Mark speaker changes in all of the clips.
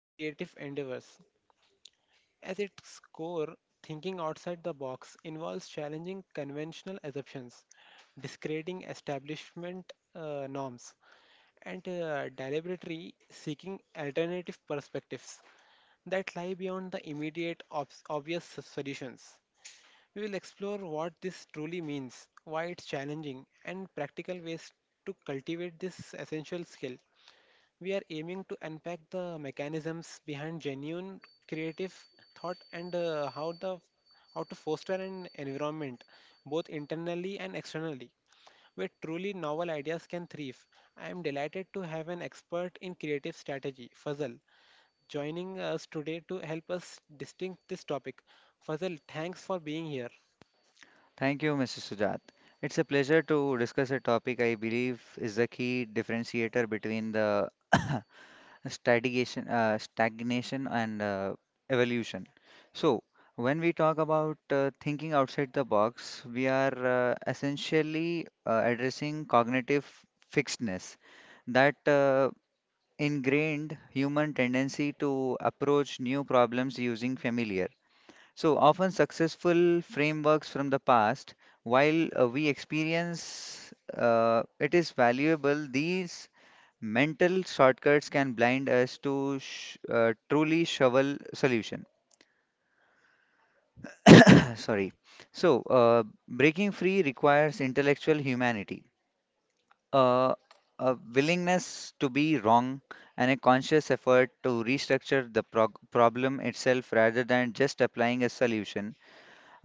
Speaker 1: to creative endeavors. At its core, thinking outside the box involves challenging conventional assumptions, discrediting establishment norms, and deliberately seeking alternative perspectives that lie beyond the immediate obvious solutions. We will explore what this truly means, why it's challenging, and practical ways to cultivate this essential skill. We are aiming to unpack the mechanisms behind genuine creative thought and how to foster an environment both internally and externally where truly novel ideas can thrive. I am delighted to have an expert in creative strategy, Fazal, joining us today to help us distinct this topic. Fazal, thanks for being here.
Speaker 2: Thank you, Mrs. Sujat. It's a pleasure to discuss a topic I believe is the key differentiator between the stagnation, and evolution. So, when we talk about thinking outside the box, we are essentially addressing cognitive fixedness, that ingrained human tendency to approach new problems using familiar so often successful frameworks from the past, while we experience it is valuable, these mental shortcuts can blind us to sh truly shovel solution. Sorry. So breaking free requires intellectual humanity, uh, a willingness to be wrong, and a conscious effort to restructure the prog problem itself rather than just applying a solution.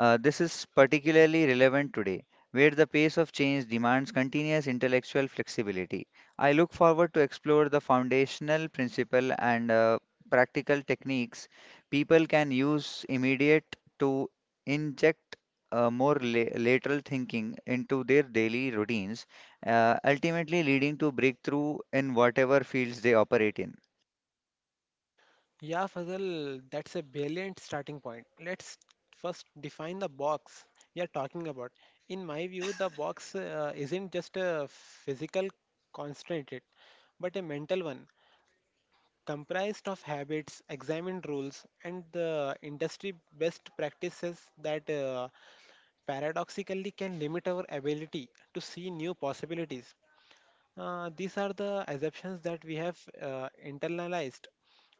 Speaker 2: This is particularly relevant today, where the pace of change demands continuous intellectual flexibility. I look forward to explore the foundational principle and practical techniques people can use immediate to inject more lateral thinking into their daily routines, ultimately leading to breakthrough in whatever fields they operate in.
Speaker 1: Yeah, Fazal, that's a brilliant starting point. Let's first define the box we are talking about. In my view, the box isn't just a physical constraint, but a mental one, comprised of habits, examined rules, and the industry best practices that paradoxically can limit our ability to see new possibilities. These are the assumptions that we have internalized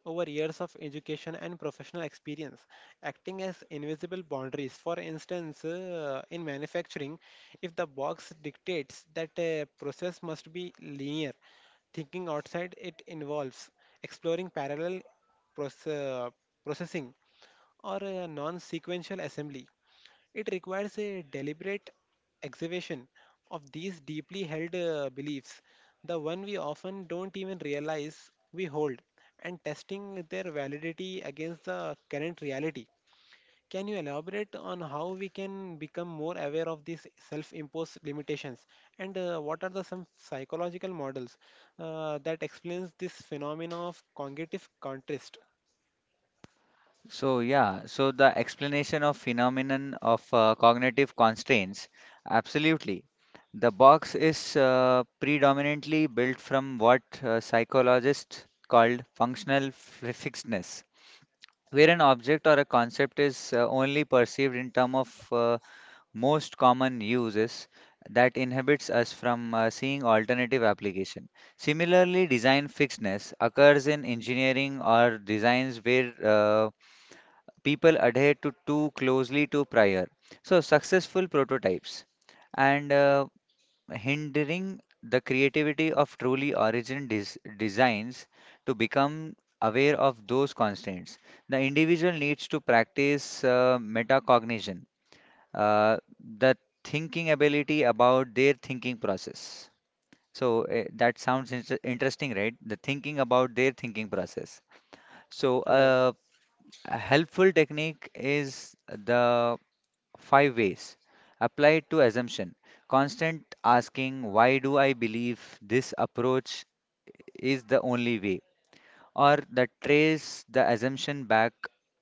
Speaker 1: over years of education and professional experience, acting as invisible boundaries. For instance, in manufacturing, if the box dictates that a process must be linear, thinking outside it involves exploring parallel proce- uh, processing or non sequential assembly. It requires a deliberate excavation of these deeply held beliefs, the one we often don't even realize we hold, and testing their validity against the current reality. Can you elaborate on how we can become more aware of these self imposed limitations and what are the some psychological models that explains this phenomena of cognitive contrast?
Speaker 2: So the explanation of phenomenon of cognitive constraints, absolutely. The box is predominantly built from what psychologists called functional fixedness, where an object or a concept is only perceived in terms of most common uses that inhibits us from seeing alternative application. Similarly, design fixedness occurs in engineering or designs where people adhere to too closely to prior so successful prototypes and hindering the creativity of truly original designs to become aware of those constraints. The individual needs to practice metacognition, uh, the thinking ability about their thinking process. So that sounds interesting, right? The thinking about their thinking process.
Speaker 1: Yeah,
Speaker 2: so
Speaker 1: Fazal.
Speaker 2: uh, a helpful technique is the five ways applied to assumption. Constant asking, why do I believe this approach is the only way? Or that trace the assumption back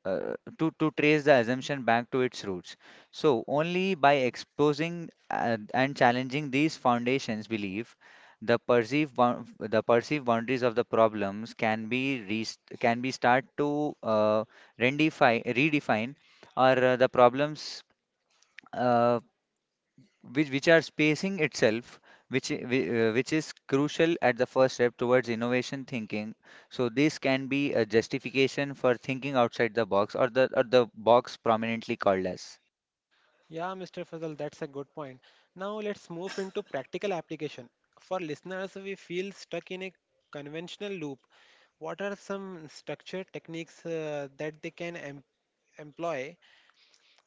Speaker 2: to trace the assumption back to its roots. So, only by exposing and challenging these foundations belief, the perceived boundaries of the problems can be start to redefine or the problems. Uh, which are spacing itself, which is crucial at the first step towards innovation thinking. So this can be a justification for thinking outside the box or the box prominently called as.
Speaker 1: Yeah, Mr. Fazal, that's a good point. Now let's move into practical application. For listeners, we feel stuck in a conventional loop. What are some structure techniques that they can employ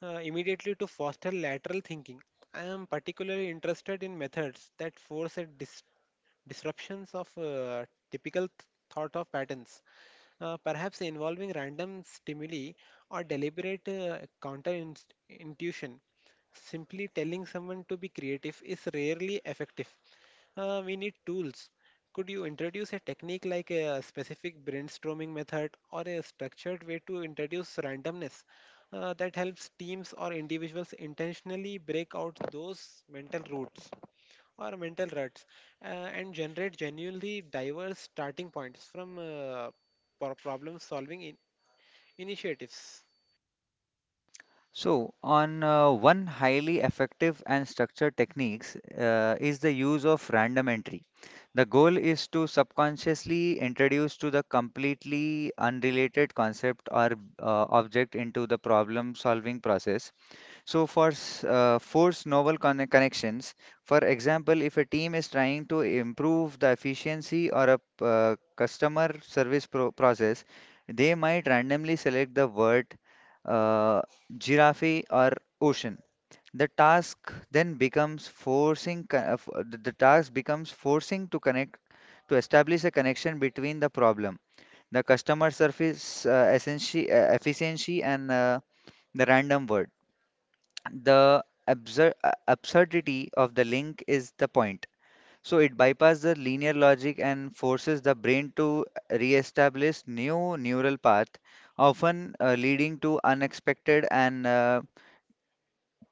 Speaker 1: immediately to foster lateral thinking? I am particularly interested in methods that force a disruptions of typical thought of patterns perhaps involving random stimuli or deliberate counterintuition. Simply telling someone to be creative is rarely effective. We need tools. Could you introduce a technique like a specific brainstorming method or a structured way to introduce randomness that helps teams or individuals intentionally break out those mental roots? Or mental ruts uh, and generate genuinely diverse starting points from problem solving initiatives.
Speaker 2: So, on One highly effective and structured techniques is the use of random entry. The goal is to subconsciously introduce to the completely unrelated concept or object into the problem solving process. Force novel connections, for example, if a team is trying to improve the efficiency or a customer service process, they might randomly select the word uh, giraffe or ocean. The task then becomes forcing co- f- the task becomes forcing to connect to establish a connection between the problem, the customer service efficiency, and the random word. The absurdity of the link is the point. So it bypasses the linear logic and forces the brain to re-establish new neural path, often leading to unexpected and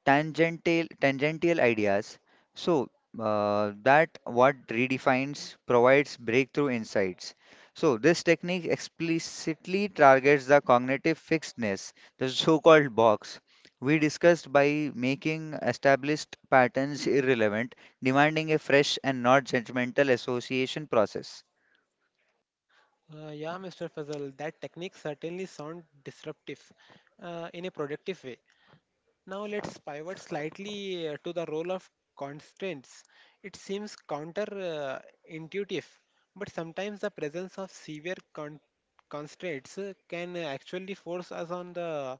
Speaker 2: tangential ideas. So that what redefines provides breakthrough insights. So this technique explicitly targets the cognitive fixedness, the so-called box we discussed by making established patterns irrelevant, demanding a fresh and not judgmental association process.
Speaker 1: Yeah, Mr. Fazal, that technique certainly sound disruptive in a productive way. Now let's pivot slightly to the role of constraints. It seems counter intuitive, but sometimes the presence of severe constraints can actually force us on the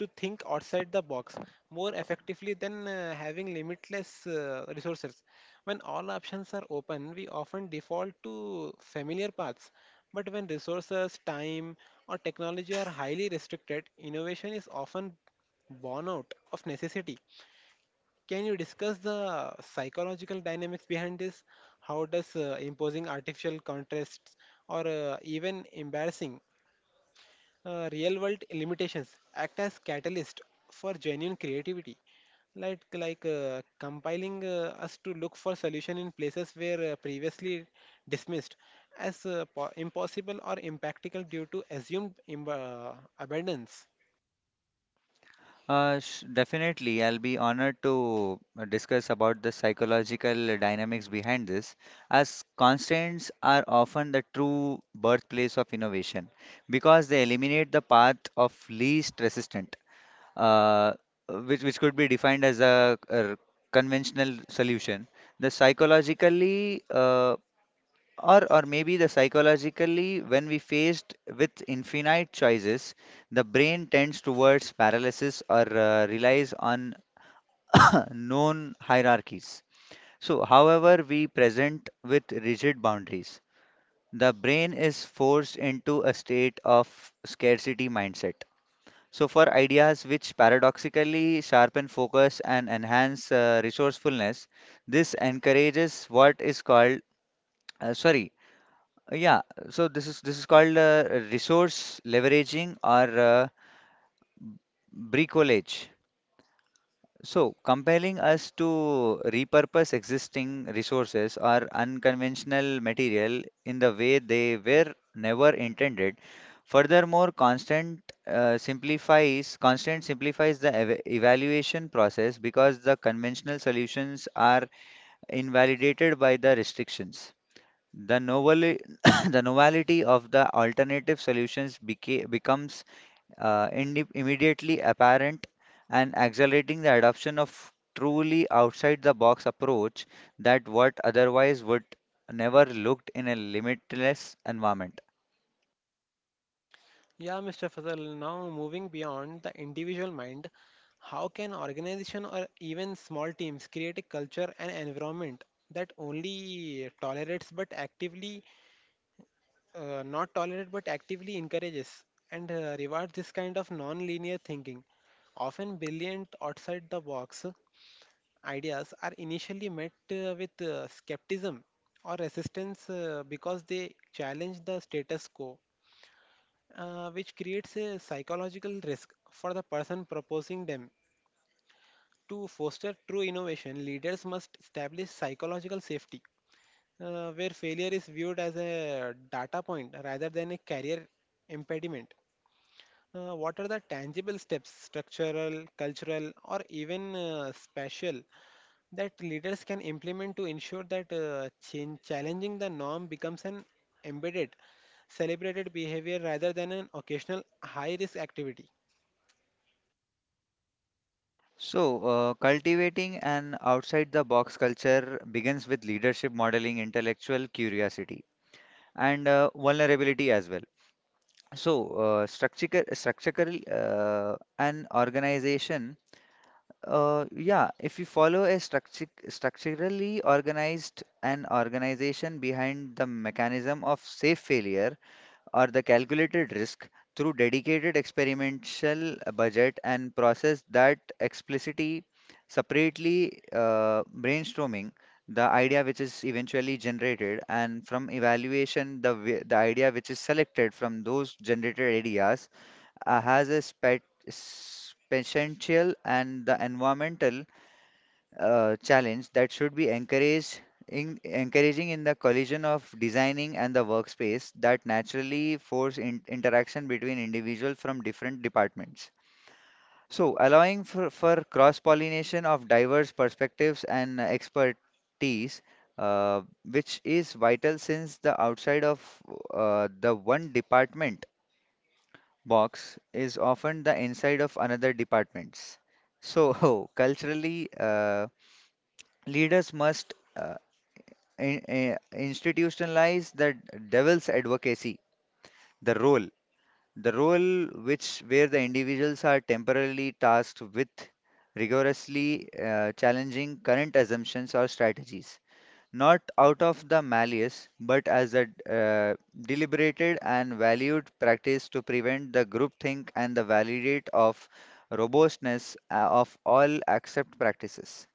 Speaker 1: to think outside the box more effectively than having limitless resources. When all options are open, we often default to familiar paths. But when resources, time, or technology are highly restricted, innovation is often born out of necessity. Can you discuss the psychological dynamics behind this? How does imposing artificial contrasts or even embarrassing real world limitations act as catalyst for genuine creativity like like compiling us to look for solution in places where previously dismissed as impossible or impractical due to assumed abundance.
Speaker 2: Sh Definitely, I'll be honored to discuss about the psychological dynamics behind this, as constraints are often the true birthplace of innovation because they eliminate the path of least resistant, uh, which could be defined as a conventional solution. The psychologically or maybe the psychologically, when we faced with infinite choices, the brain tends towards paralysis or relies on known hierarchies. So, however, we present with rigid boundaries, the brain is forced into a state of scarcity mindset. So, for ideas which paradoxically sharpen focus and enhance resourcefulness, this encourages what is called, sorry, Yeah, so this is called resource leveraging or bricolage. So compelling us to repurpose existing resources or unconventional material in the way they were never intended. Furthermore, constant simplifies the ev evaluation process because the conventional solutions are invalidated by the restrictions. The noveli- the novelty of the alternative solutions becomes immediately apparent and accelerating the adoption of truly outside the box approach that what otherwise would never looked in a limitless environment.
Speaker 1: Yeah, Mr. Fazal, now moving beyond the individual mind, how can organization or even small teams create a culture and environment that only tolerates but actively not tolerate but actively encourages and rewards this kind of non-linear thinking. Often brilliant outside-the-box ideas are initially met with skepticism or resistance because they challenge the status quo, which creates a psychological risk for the person proposing them. To foster true innovation, leaders must establish psychological safety, where failure is viewed as a data point rather than a career impediment. What are the tangible steps, structural, cultural, or even spatial, that leaders can implement to ensure that challenging the norm becomes an embedded, celebrated behavior rather than an occasional high risk activity?
Speaker 2: So, cultivating an outside the box culture begins with leadership modeling, intellectual curiosity, and vulnerability as well. So, structure, structural an organization, yeah, if you follow a structurally organized an organization behind the mechanism of safe failure, or the calculated risk through dedicated experimental budget and process that explicitly separately brainstorming the idea which is eventually generated and from evaluation the idea which is selected from those generated ideas has potential and the environmental challenge that should be encouraged in encouraging in the collision of designing and the workspace that naturally force interaction between individuals from different departments. So, allowing for cross-pollination of diverse perspectives and expertise, uh, which is vital since the outside of the one department box is often the inside of another departments. So, culturally, leaders must in, eh, institutionalize the devil's advocacy, the role, the role which where the individuals are temporarily tasked with rigorously challenging current assumptions or strategies, not out of the malice, but as a uh, deliberated and valued practice to prevent the groupthink and the validate of robustness of all accept practices.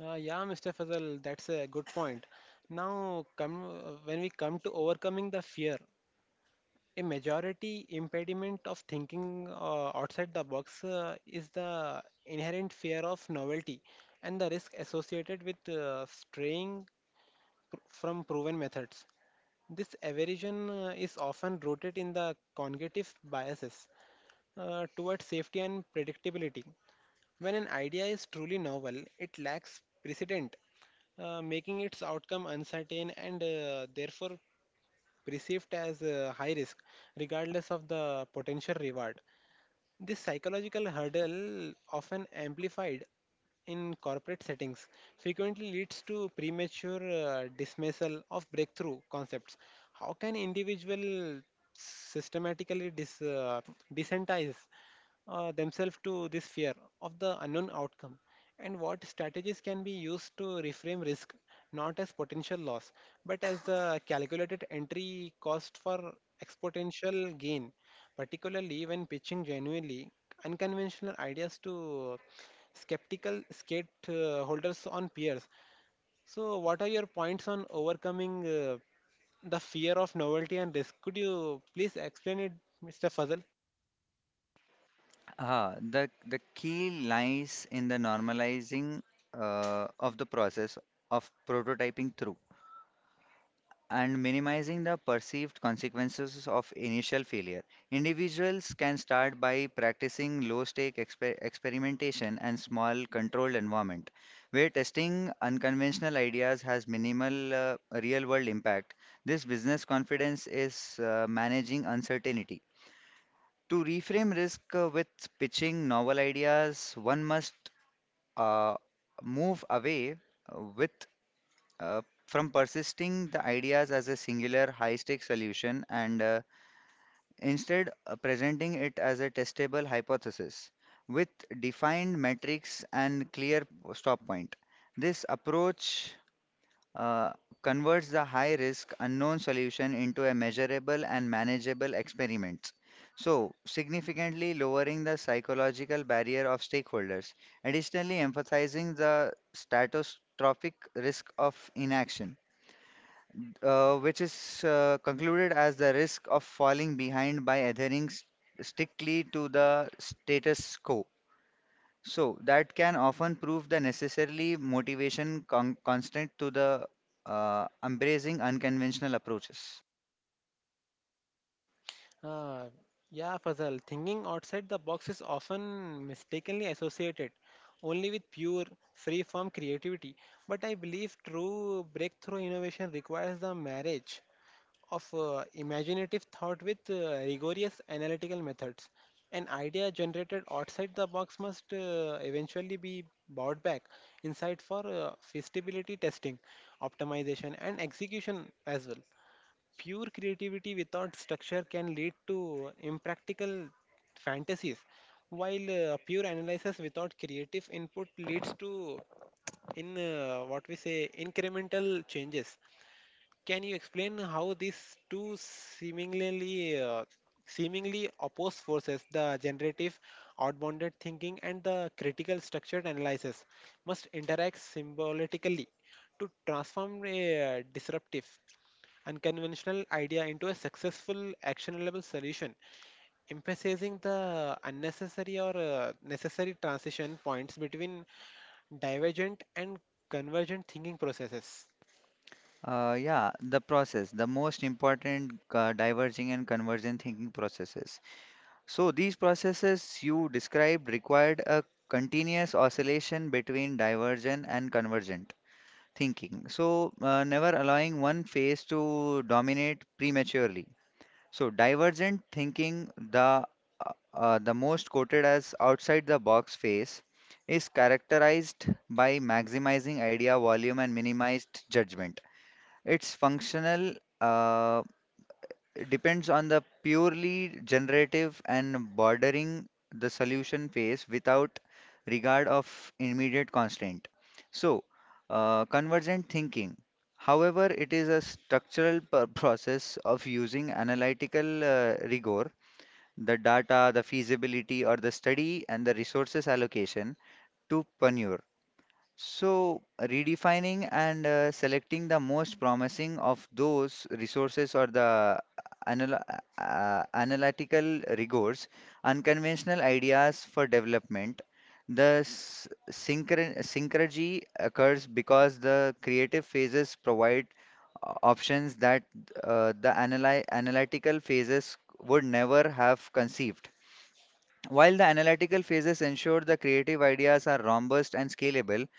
Speaker 1: Yeah, Mr. Fazal, that's a good point. Now, when we come to overcoming the fear, a majority impediment of thinking outside the box is the inherent fear of novelty and the risk associated with from proven methods. This aversion is often rooted in the cognitive biases towards safety and predictability. When an idea is truly novel, it lacks precedent, making its outcome uncertain and therefore perceived as a high risk, regardless of the potential reward. This psychological hurdle, often amplified in corporate settings, frequently leads to premature dismissal of breakthrough concepts. How can individual systematically desensitize themselves to this fear of the unknown outcome? And what strategies can be used to reframe risk not as potential loss, but as the calculated entry cost for exponential gain? Particularly when pitching genuinely unconventional ideas to skeptical skate holders on peers. So, what are your points on overcoming the fear of novelty and risk? Could you please explain it, Mr. Fazal?
Speaker 2: The key lies in the normalizing of the process of prototyping through and minimizing the perceived consequences of initial failure. Individuals can start by practicing low-stake experimentation and small controlled environment where testing unconventional ideas has minimal real-world impact. This business confidence is managing uncertainty to reframe risk with pitching novel ideas, one must uh, move away with from persisting the ideas as a singular high-stakes solution and instead presenting it as a testable hypothesis with defined metrics and clear stop point. This approach uh, converts the high risk unknown solution into a measurable and manageable experiment. So, significantly lowering the psychological barrier of stakeholders, additionally, emphasizing the catastrophic risk of inaction, which is concluded as the risk of falling behind by adhering strictly to the status quo. So that can often prove the necessarily motivation constant to the embracing unconventional approaches.
Speaker 1: Uh, yeah, Fazal, thinking outside the box is often mistakenly associated only with pure, free form creativity. But I believe true breakthrough innovation requires the marriage of imaginative thought with rigorous analytical methods. An idea generated outside the box must eventually be brought back inside for feasibility testing, optimization, and execution as well. Pure creativity without structure can lead to impractical fantasies, while pure analysis without creative input leads to in what we say incremental changes. Can you explain how these two seemingly opposed forces, the generative outbounded thinking and the critical structured analysis, must interact symbolically to transform a disruptive, unconventional idea into a successful, actionable solution, emphasizing the unnecessary or necessary transition points between divergent and convergent thinking processes?
Speaker 2: Yeah, the process, the most important diverging and convergent thinking processes. So these processes you described required a continuous oscillation between divergent and convergent thinking. Never allowing one phase to dominate prematurely. So divergent thinking, the most quoted as outside the box phase, is characterized by maximizing idea volume and minimized judgment. It's functional uh, depends on the purely generative and bordering the solution phase without regard of immediate constraint. So, convergent thinking, however, it is a structural process of using analytical rigor, the data, the feasibility, or the study and the resources allocation to pioneer so, redefining and selecting the most promising of those resources or the analytical rigors, unconventional ideas for development. The synchrony occurs because the creative phases provide options that the analytical phases would never have conceived. While the analytical phases ensure the creative ideas are robust and scalable,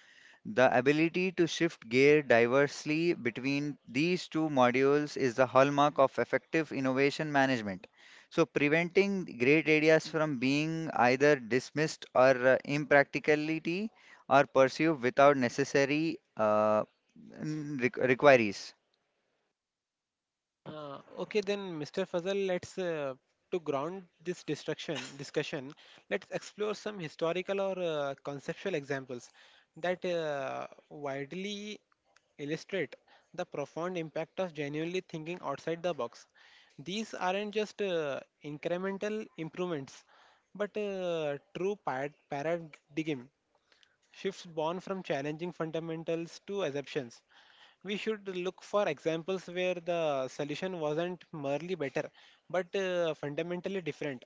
Speaker 2: the ability to shift gear diversely between these two modules is the hallmark of effective innovation management. So, preventing great ideas from being either dismissed or impracticality or pursued without necessary requires.
Speaker 1: Okay, then, Mr. Fazal, let's to ground this destruction discussion, let's explore some historical or conceptual examples that widely illustrate the profound impact of genuinely thinking outside the box. These aren't just incremental improvements, but paradigm shifts born from challenging fundamentals to assumptions. We should look for examples where the solution wasn't merely better, but fundamentally different,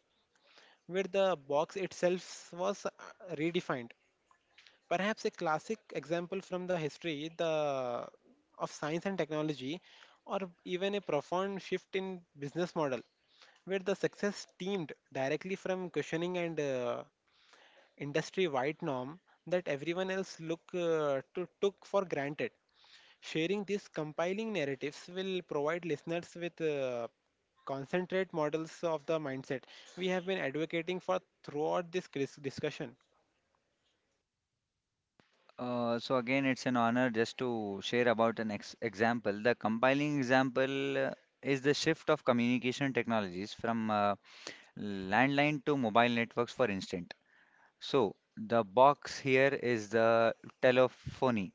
Speaker 1: where the box itself was redefined. Perhaps a classic example from the history of science and technology, or even a profound shift in business model, where the success stemmed directly from questioning and industry wide norm that everyone else took for granted. Sharing these compiling narratives will provide listeners with concentrate models of the mindset we have been advocating for throughout this discussion.
Speaker 2: So again, it's an honor just to share about an ex example. The compiling example is the shift of communication technologies from landline to mobile networks, for instance. So the box here is the telephony.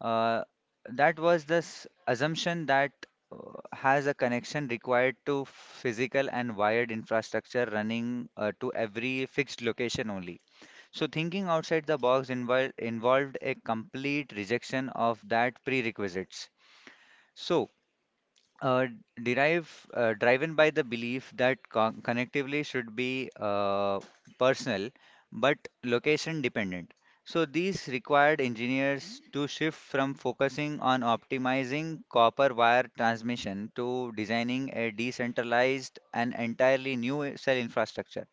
Speaker 2: Uh, that was this assumption that uh, has a connection required to physical and wired infrastructure running to every fixed location only. So thinking outside the box involved a complete rejection of that prerequisites. So uh, derive driven by the belief that connectively should be personal but location dependent, so these required engineers to shift from focusing on optimizing copper wire transmission to designing a decentralized and entirely new cell infrastructure.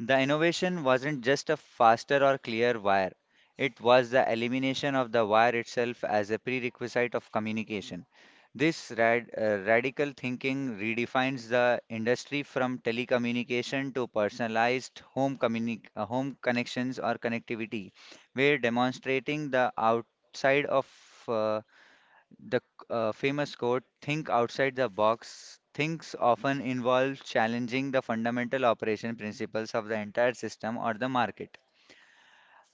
Speaker 2: The innovation wasn't just a faster or clear wire, it was the elimination of the wire itself as a prerequisite of communication. This radical thinking redefines the industry from telecommunication to personalized home, home connections or connectivity. We're demonstrating the outside of uh, the famous quote, think outside the box, thinks often involve challenging the fundamental operation principles of the entire system or the market.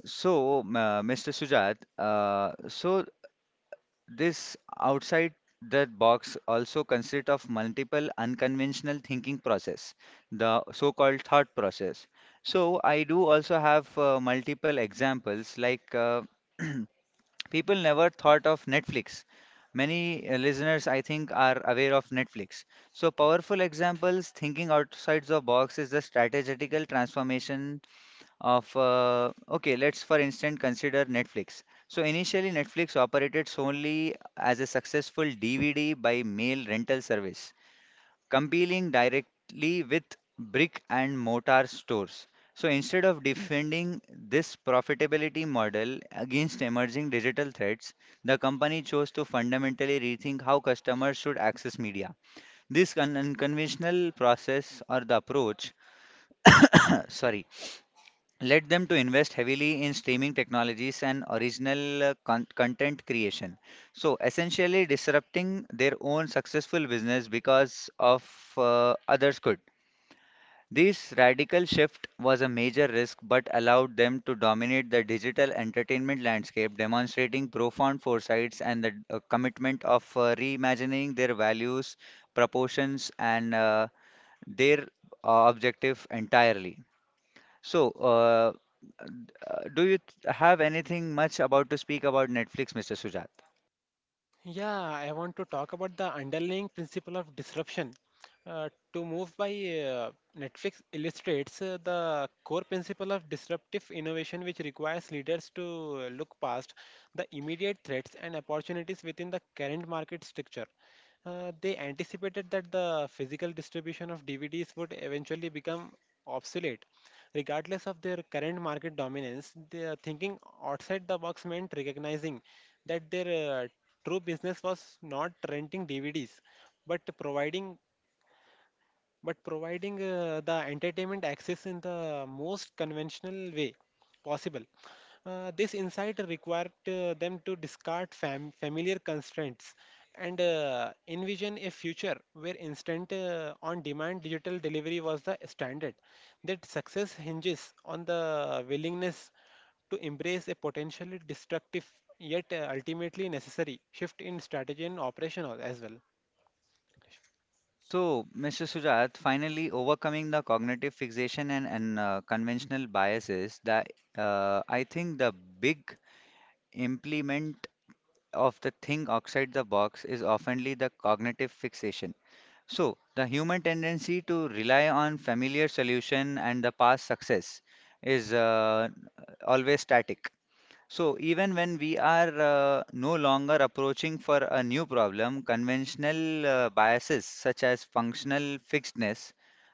Speaker 2: So, Mr. Sujat, so this outside the box also consists of multiple unconventional thinking process, the so-called thought process. So I do also have multiple examples like people never thought of Netflix. Many listeners, I think, are aware of Netflix. So, powerful examples, thinking outside the box is the strategical transformation of. Okay, let's for instance consider Netflix. So, initially, Netflix operated solely as a successful DVD by mail rental service competing directly with brick and mortar stores. So instead of defending this profitability model against emerging digital threats, the company chose to fundamentally rethink how customers should access media. This unconventional process or the approach, sorry, led them to invest heavily in streaming technologies and original content creation. So essentially disrupting their own successful business because of others could. This radical shift was a major risk but allowed them to dominate the digital entertainment landscape, demonstrating profound foresights and the commitment of reimagining their values, proportions, and their objective entirely. So, uh, uh, do you th- have anything much about to speak about Netflix, Mr. Sujat?
Speaker 1: Yeah, I want to talk about the underlying principle of disruption. Uh, to move by Netflix illustrates the core principle of disruptive innovation, which requires leaders to look past the immediate threats and opportunities within the current market structure. They anticipated that the physical distribution of DVDs would eventually become obsolete. Regardless of their current market dominance, their thinking outside the box meant recognizing that their true business was not renting DVDs, but providing the entertainment access in the most conventional way possible. This insight required them to discard familiar constraints and envision a future where instant on demand digital delivery was the standard. That success hinges on the willingness to embrace a potentially destructive yet ultimately necessary shift in strategy and operation as well.
Speaker 2: So, Mr. Sujat, finally overcoming the cognitive fixation and conventional biases, that I think the big implement of the thing outside the box is oftenly the cognitive fixation. So, the human tendency to rely on familiar solution and the past success is always static. So, even when we are no longer approaching for a new problem, conventional biases such as functional fixedness,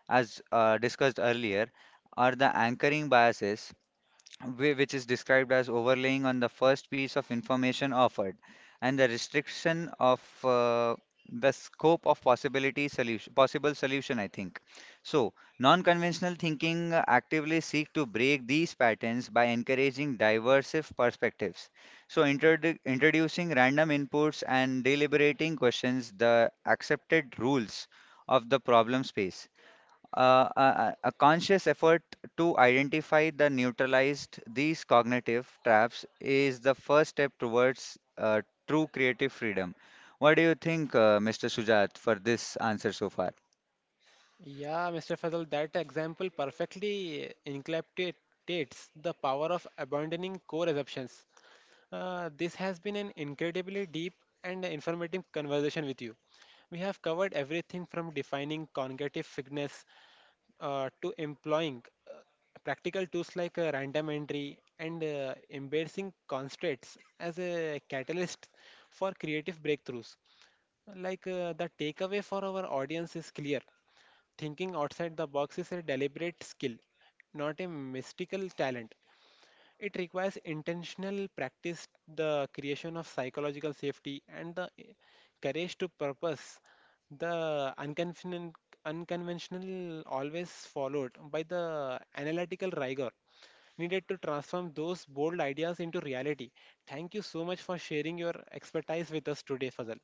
Speaker 2: as discussed earlier, or the anchoring biases which is described as overlaying on the first piece of information offered, and the restriction of the scope of possibility solution, possible solution, I think. So, non-conventional thinking actively seek to break these patterns by encouraging diverse perspectives. So, introducing random inputs and deliberating questions the accepted rules of the problem space, a conscious effort to identify the neutralized these cognitive traps is the first step towards true creative freedom. What do you think, Mr. Sujat, for this answer so far?
Speaker 1: Yeah, Mr. Fazal, that example perfectly encapsulates the power of abandoning core assumptions. This has been an incredibly deep and informative conversation with you. We have covered everything from defining cognitive fitness to employing practical tools like random entry and embracing constraints as a catalyst for creative breakthroughs. The takeaway for our audience is clear. Thinking outside the box is a deliberate skill, not a mystical talent. It requires intentional practice, the creation of psychological safety, and the courage to purpose. The unconventional always followed by the analytical rigor needed to transform those bold ideas into reality. Thank you so much for sharing your expertise with us today, Fazal.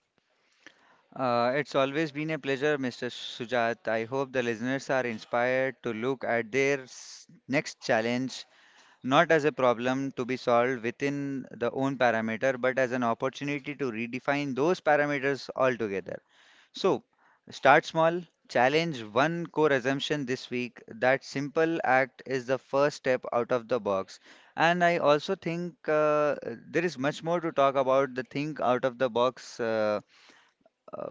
Speaker 2: It's always been a pleasure, Mr. Sujat. I hope the listeners are inspired to look at their next challenge not as a problem to be solved within the own parameter, but as an opportunity to redefine those parameters altogether. So, start small, challenge one core assumption this week. That simple act is the first step out of the box. And I also think there is much more to talk about the think out of the box, uh,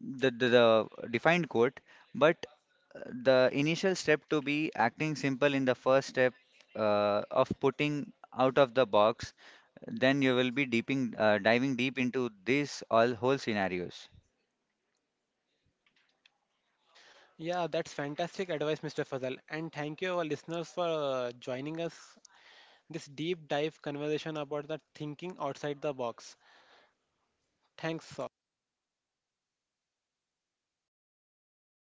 Speaker 2: the defined quote, but the initial step to be acting simple in the first step of putting out of the box, then you will be deeping, diving deep into this all whole scenarios.
Speaker 1: Yeah, that's fantastic advice, Mr. Fazal. And thank you, our listeners, for joining us this deep dive conversation about the thinking outside the box. Thanks.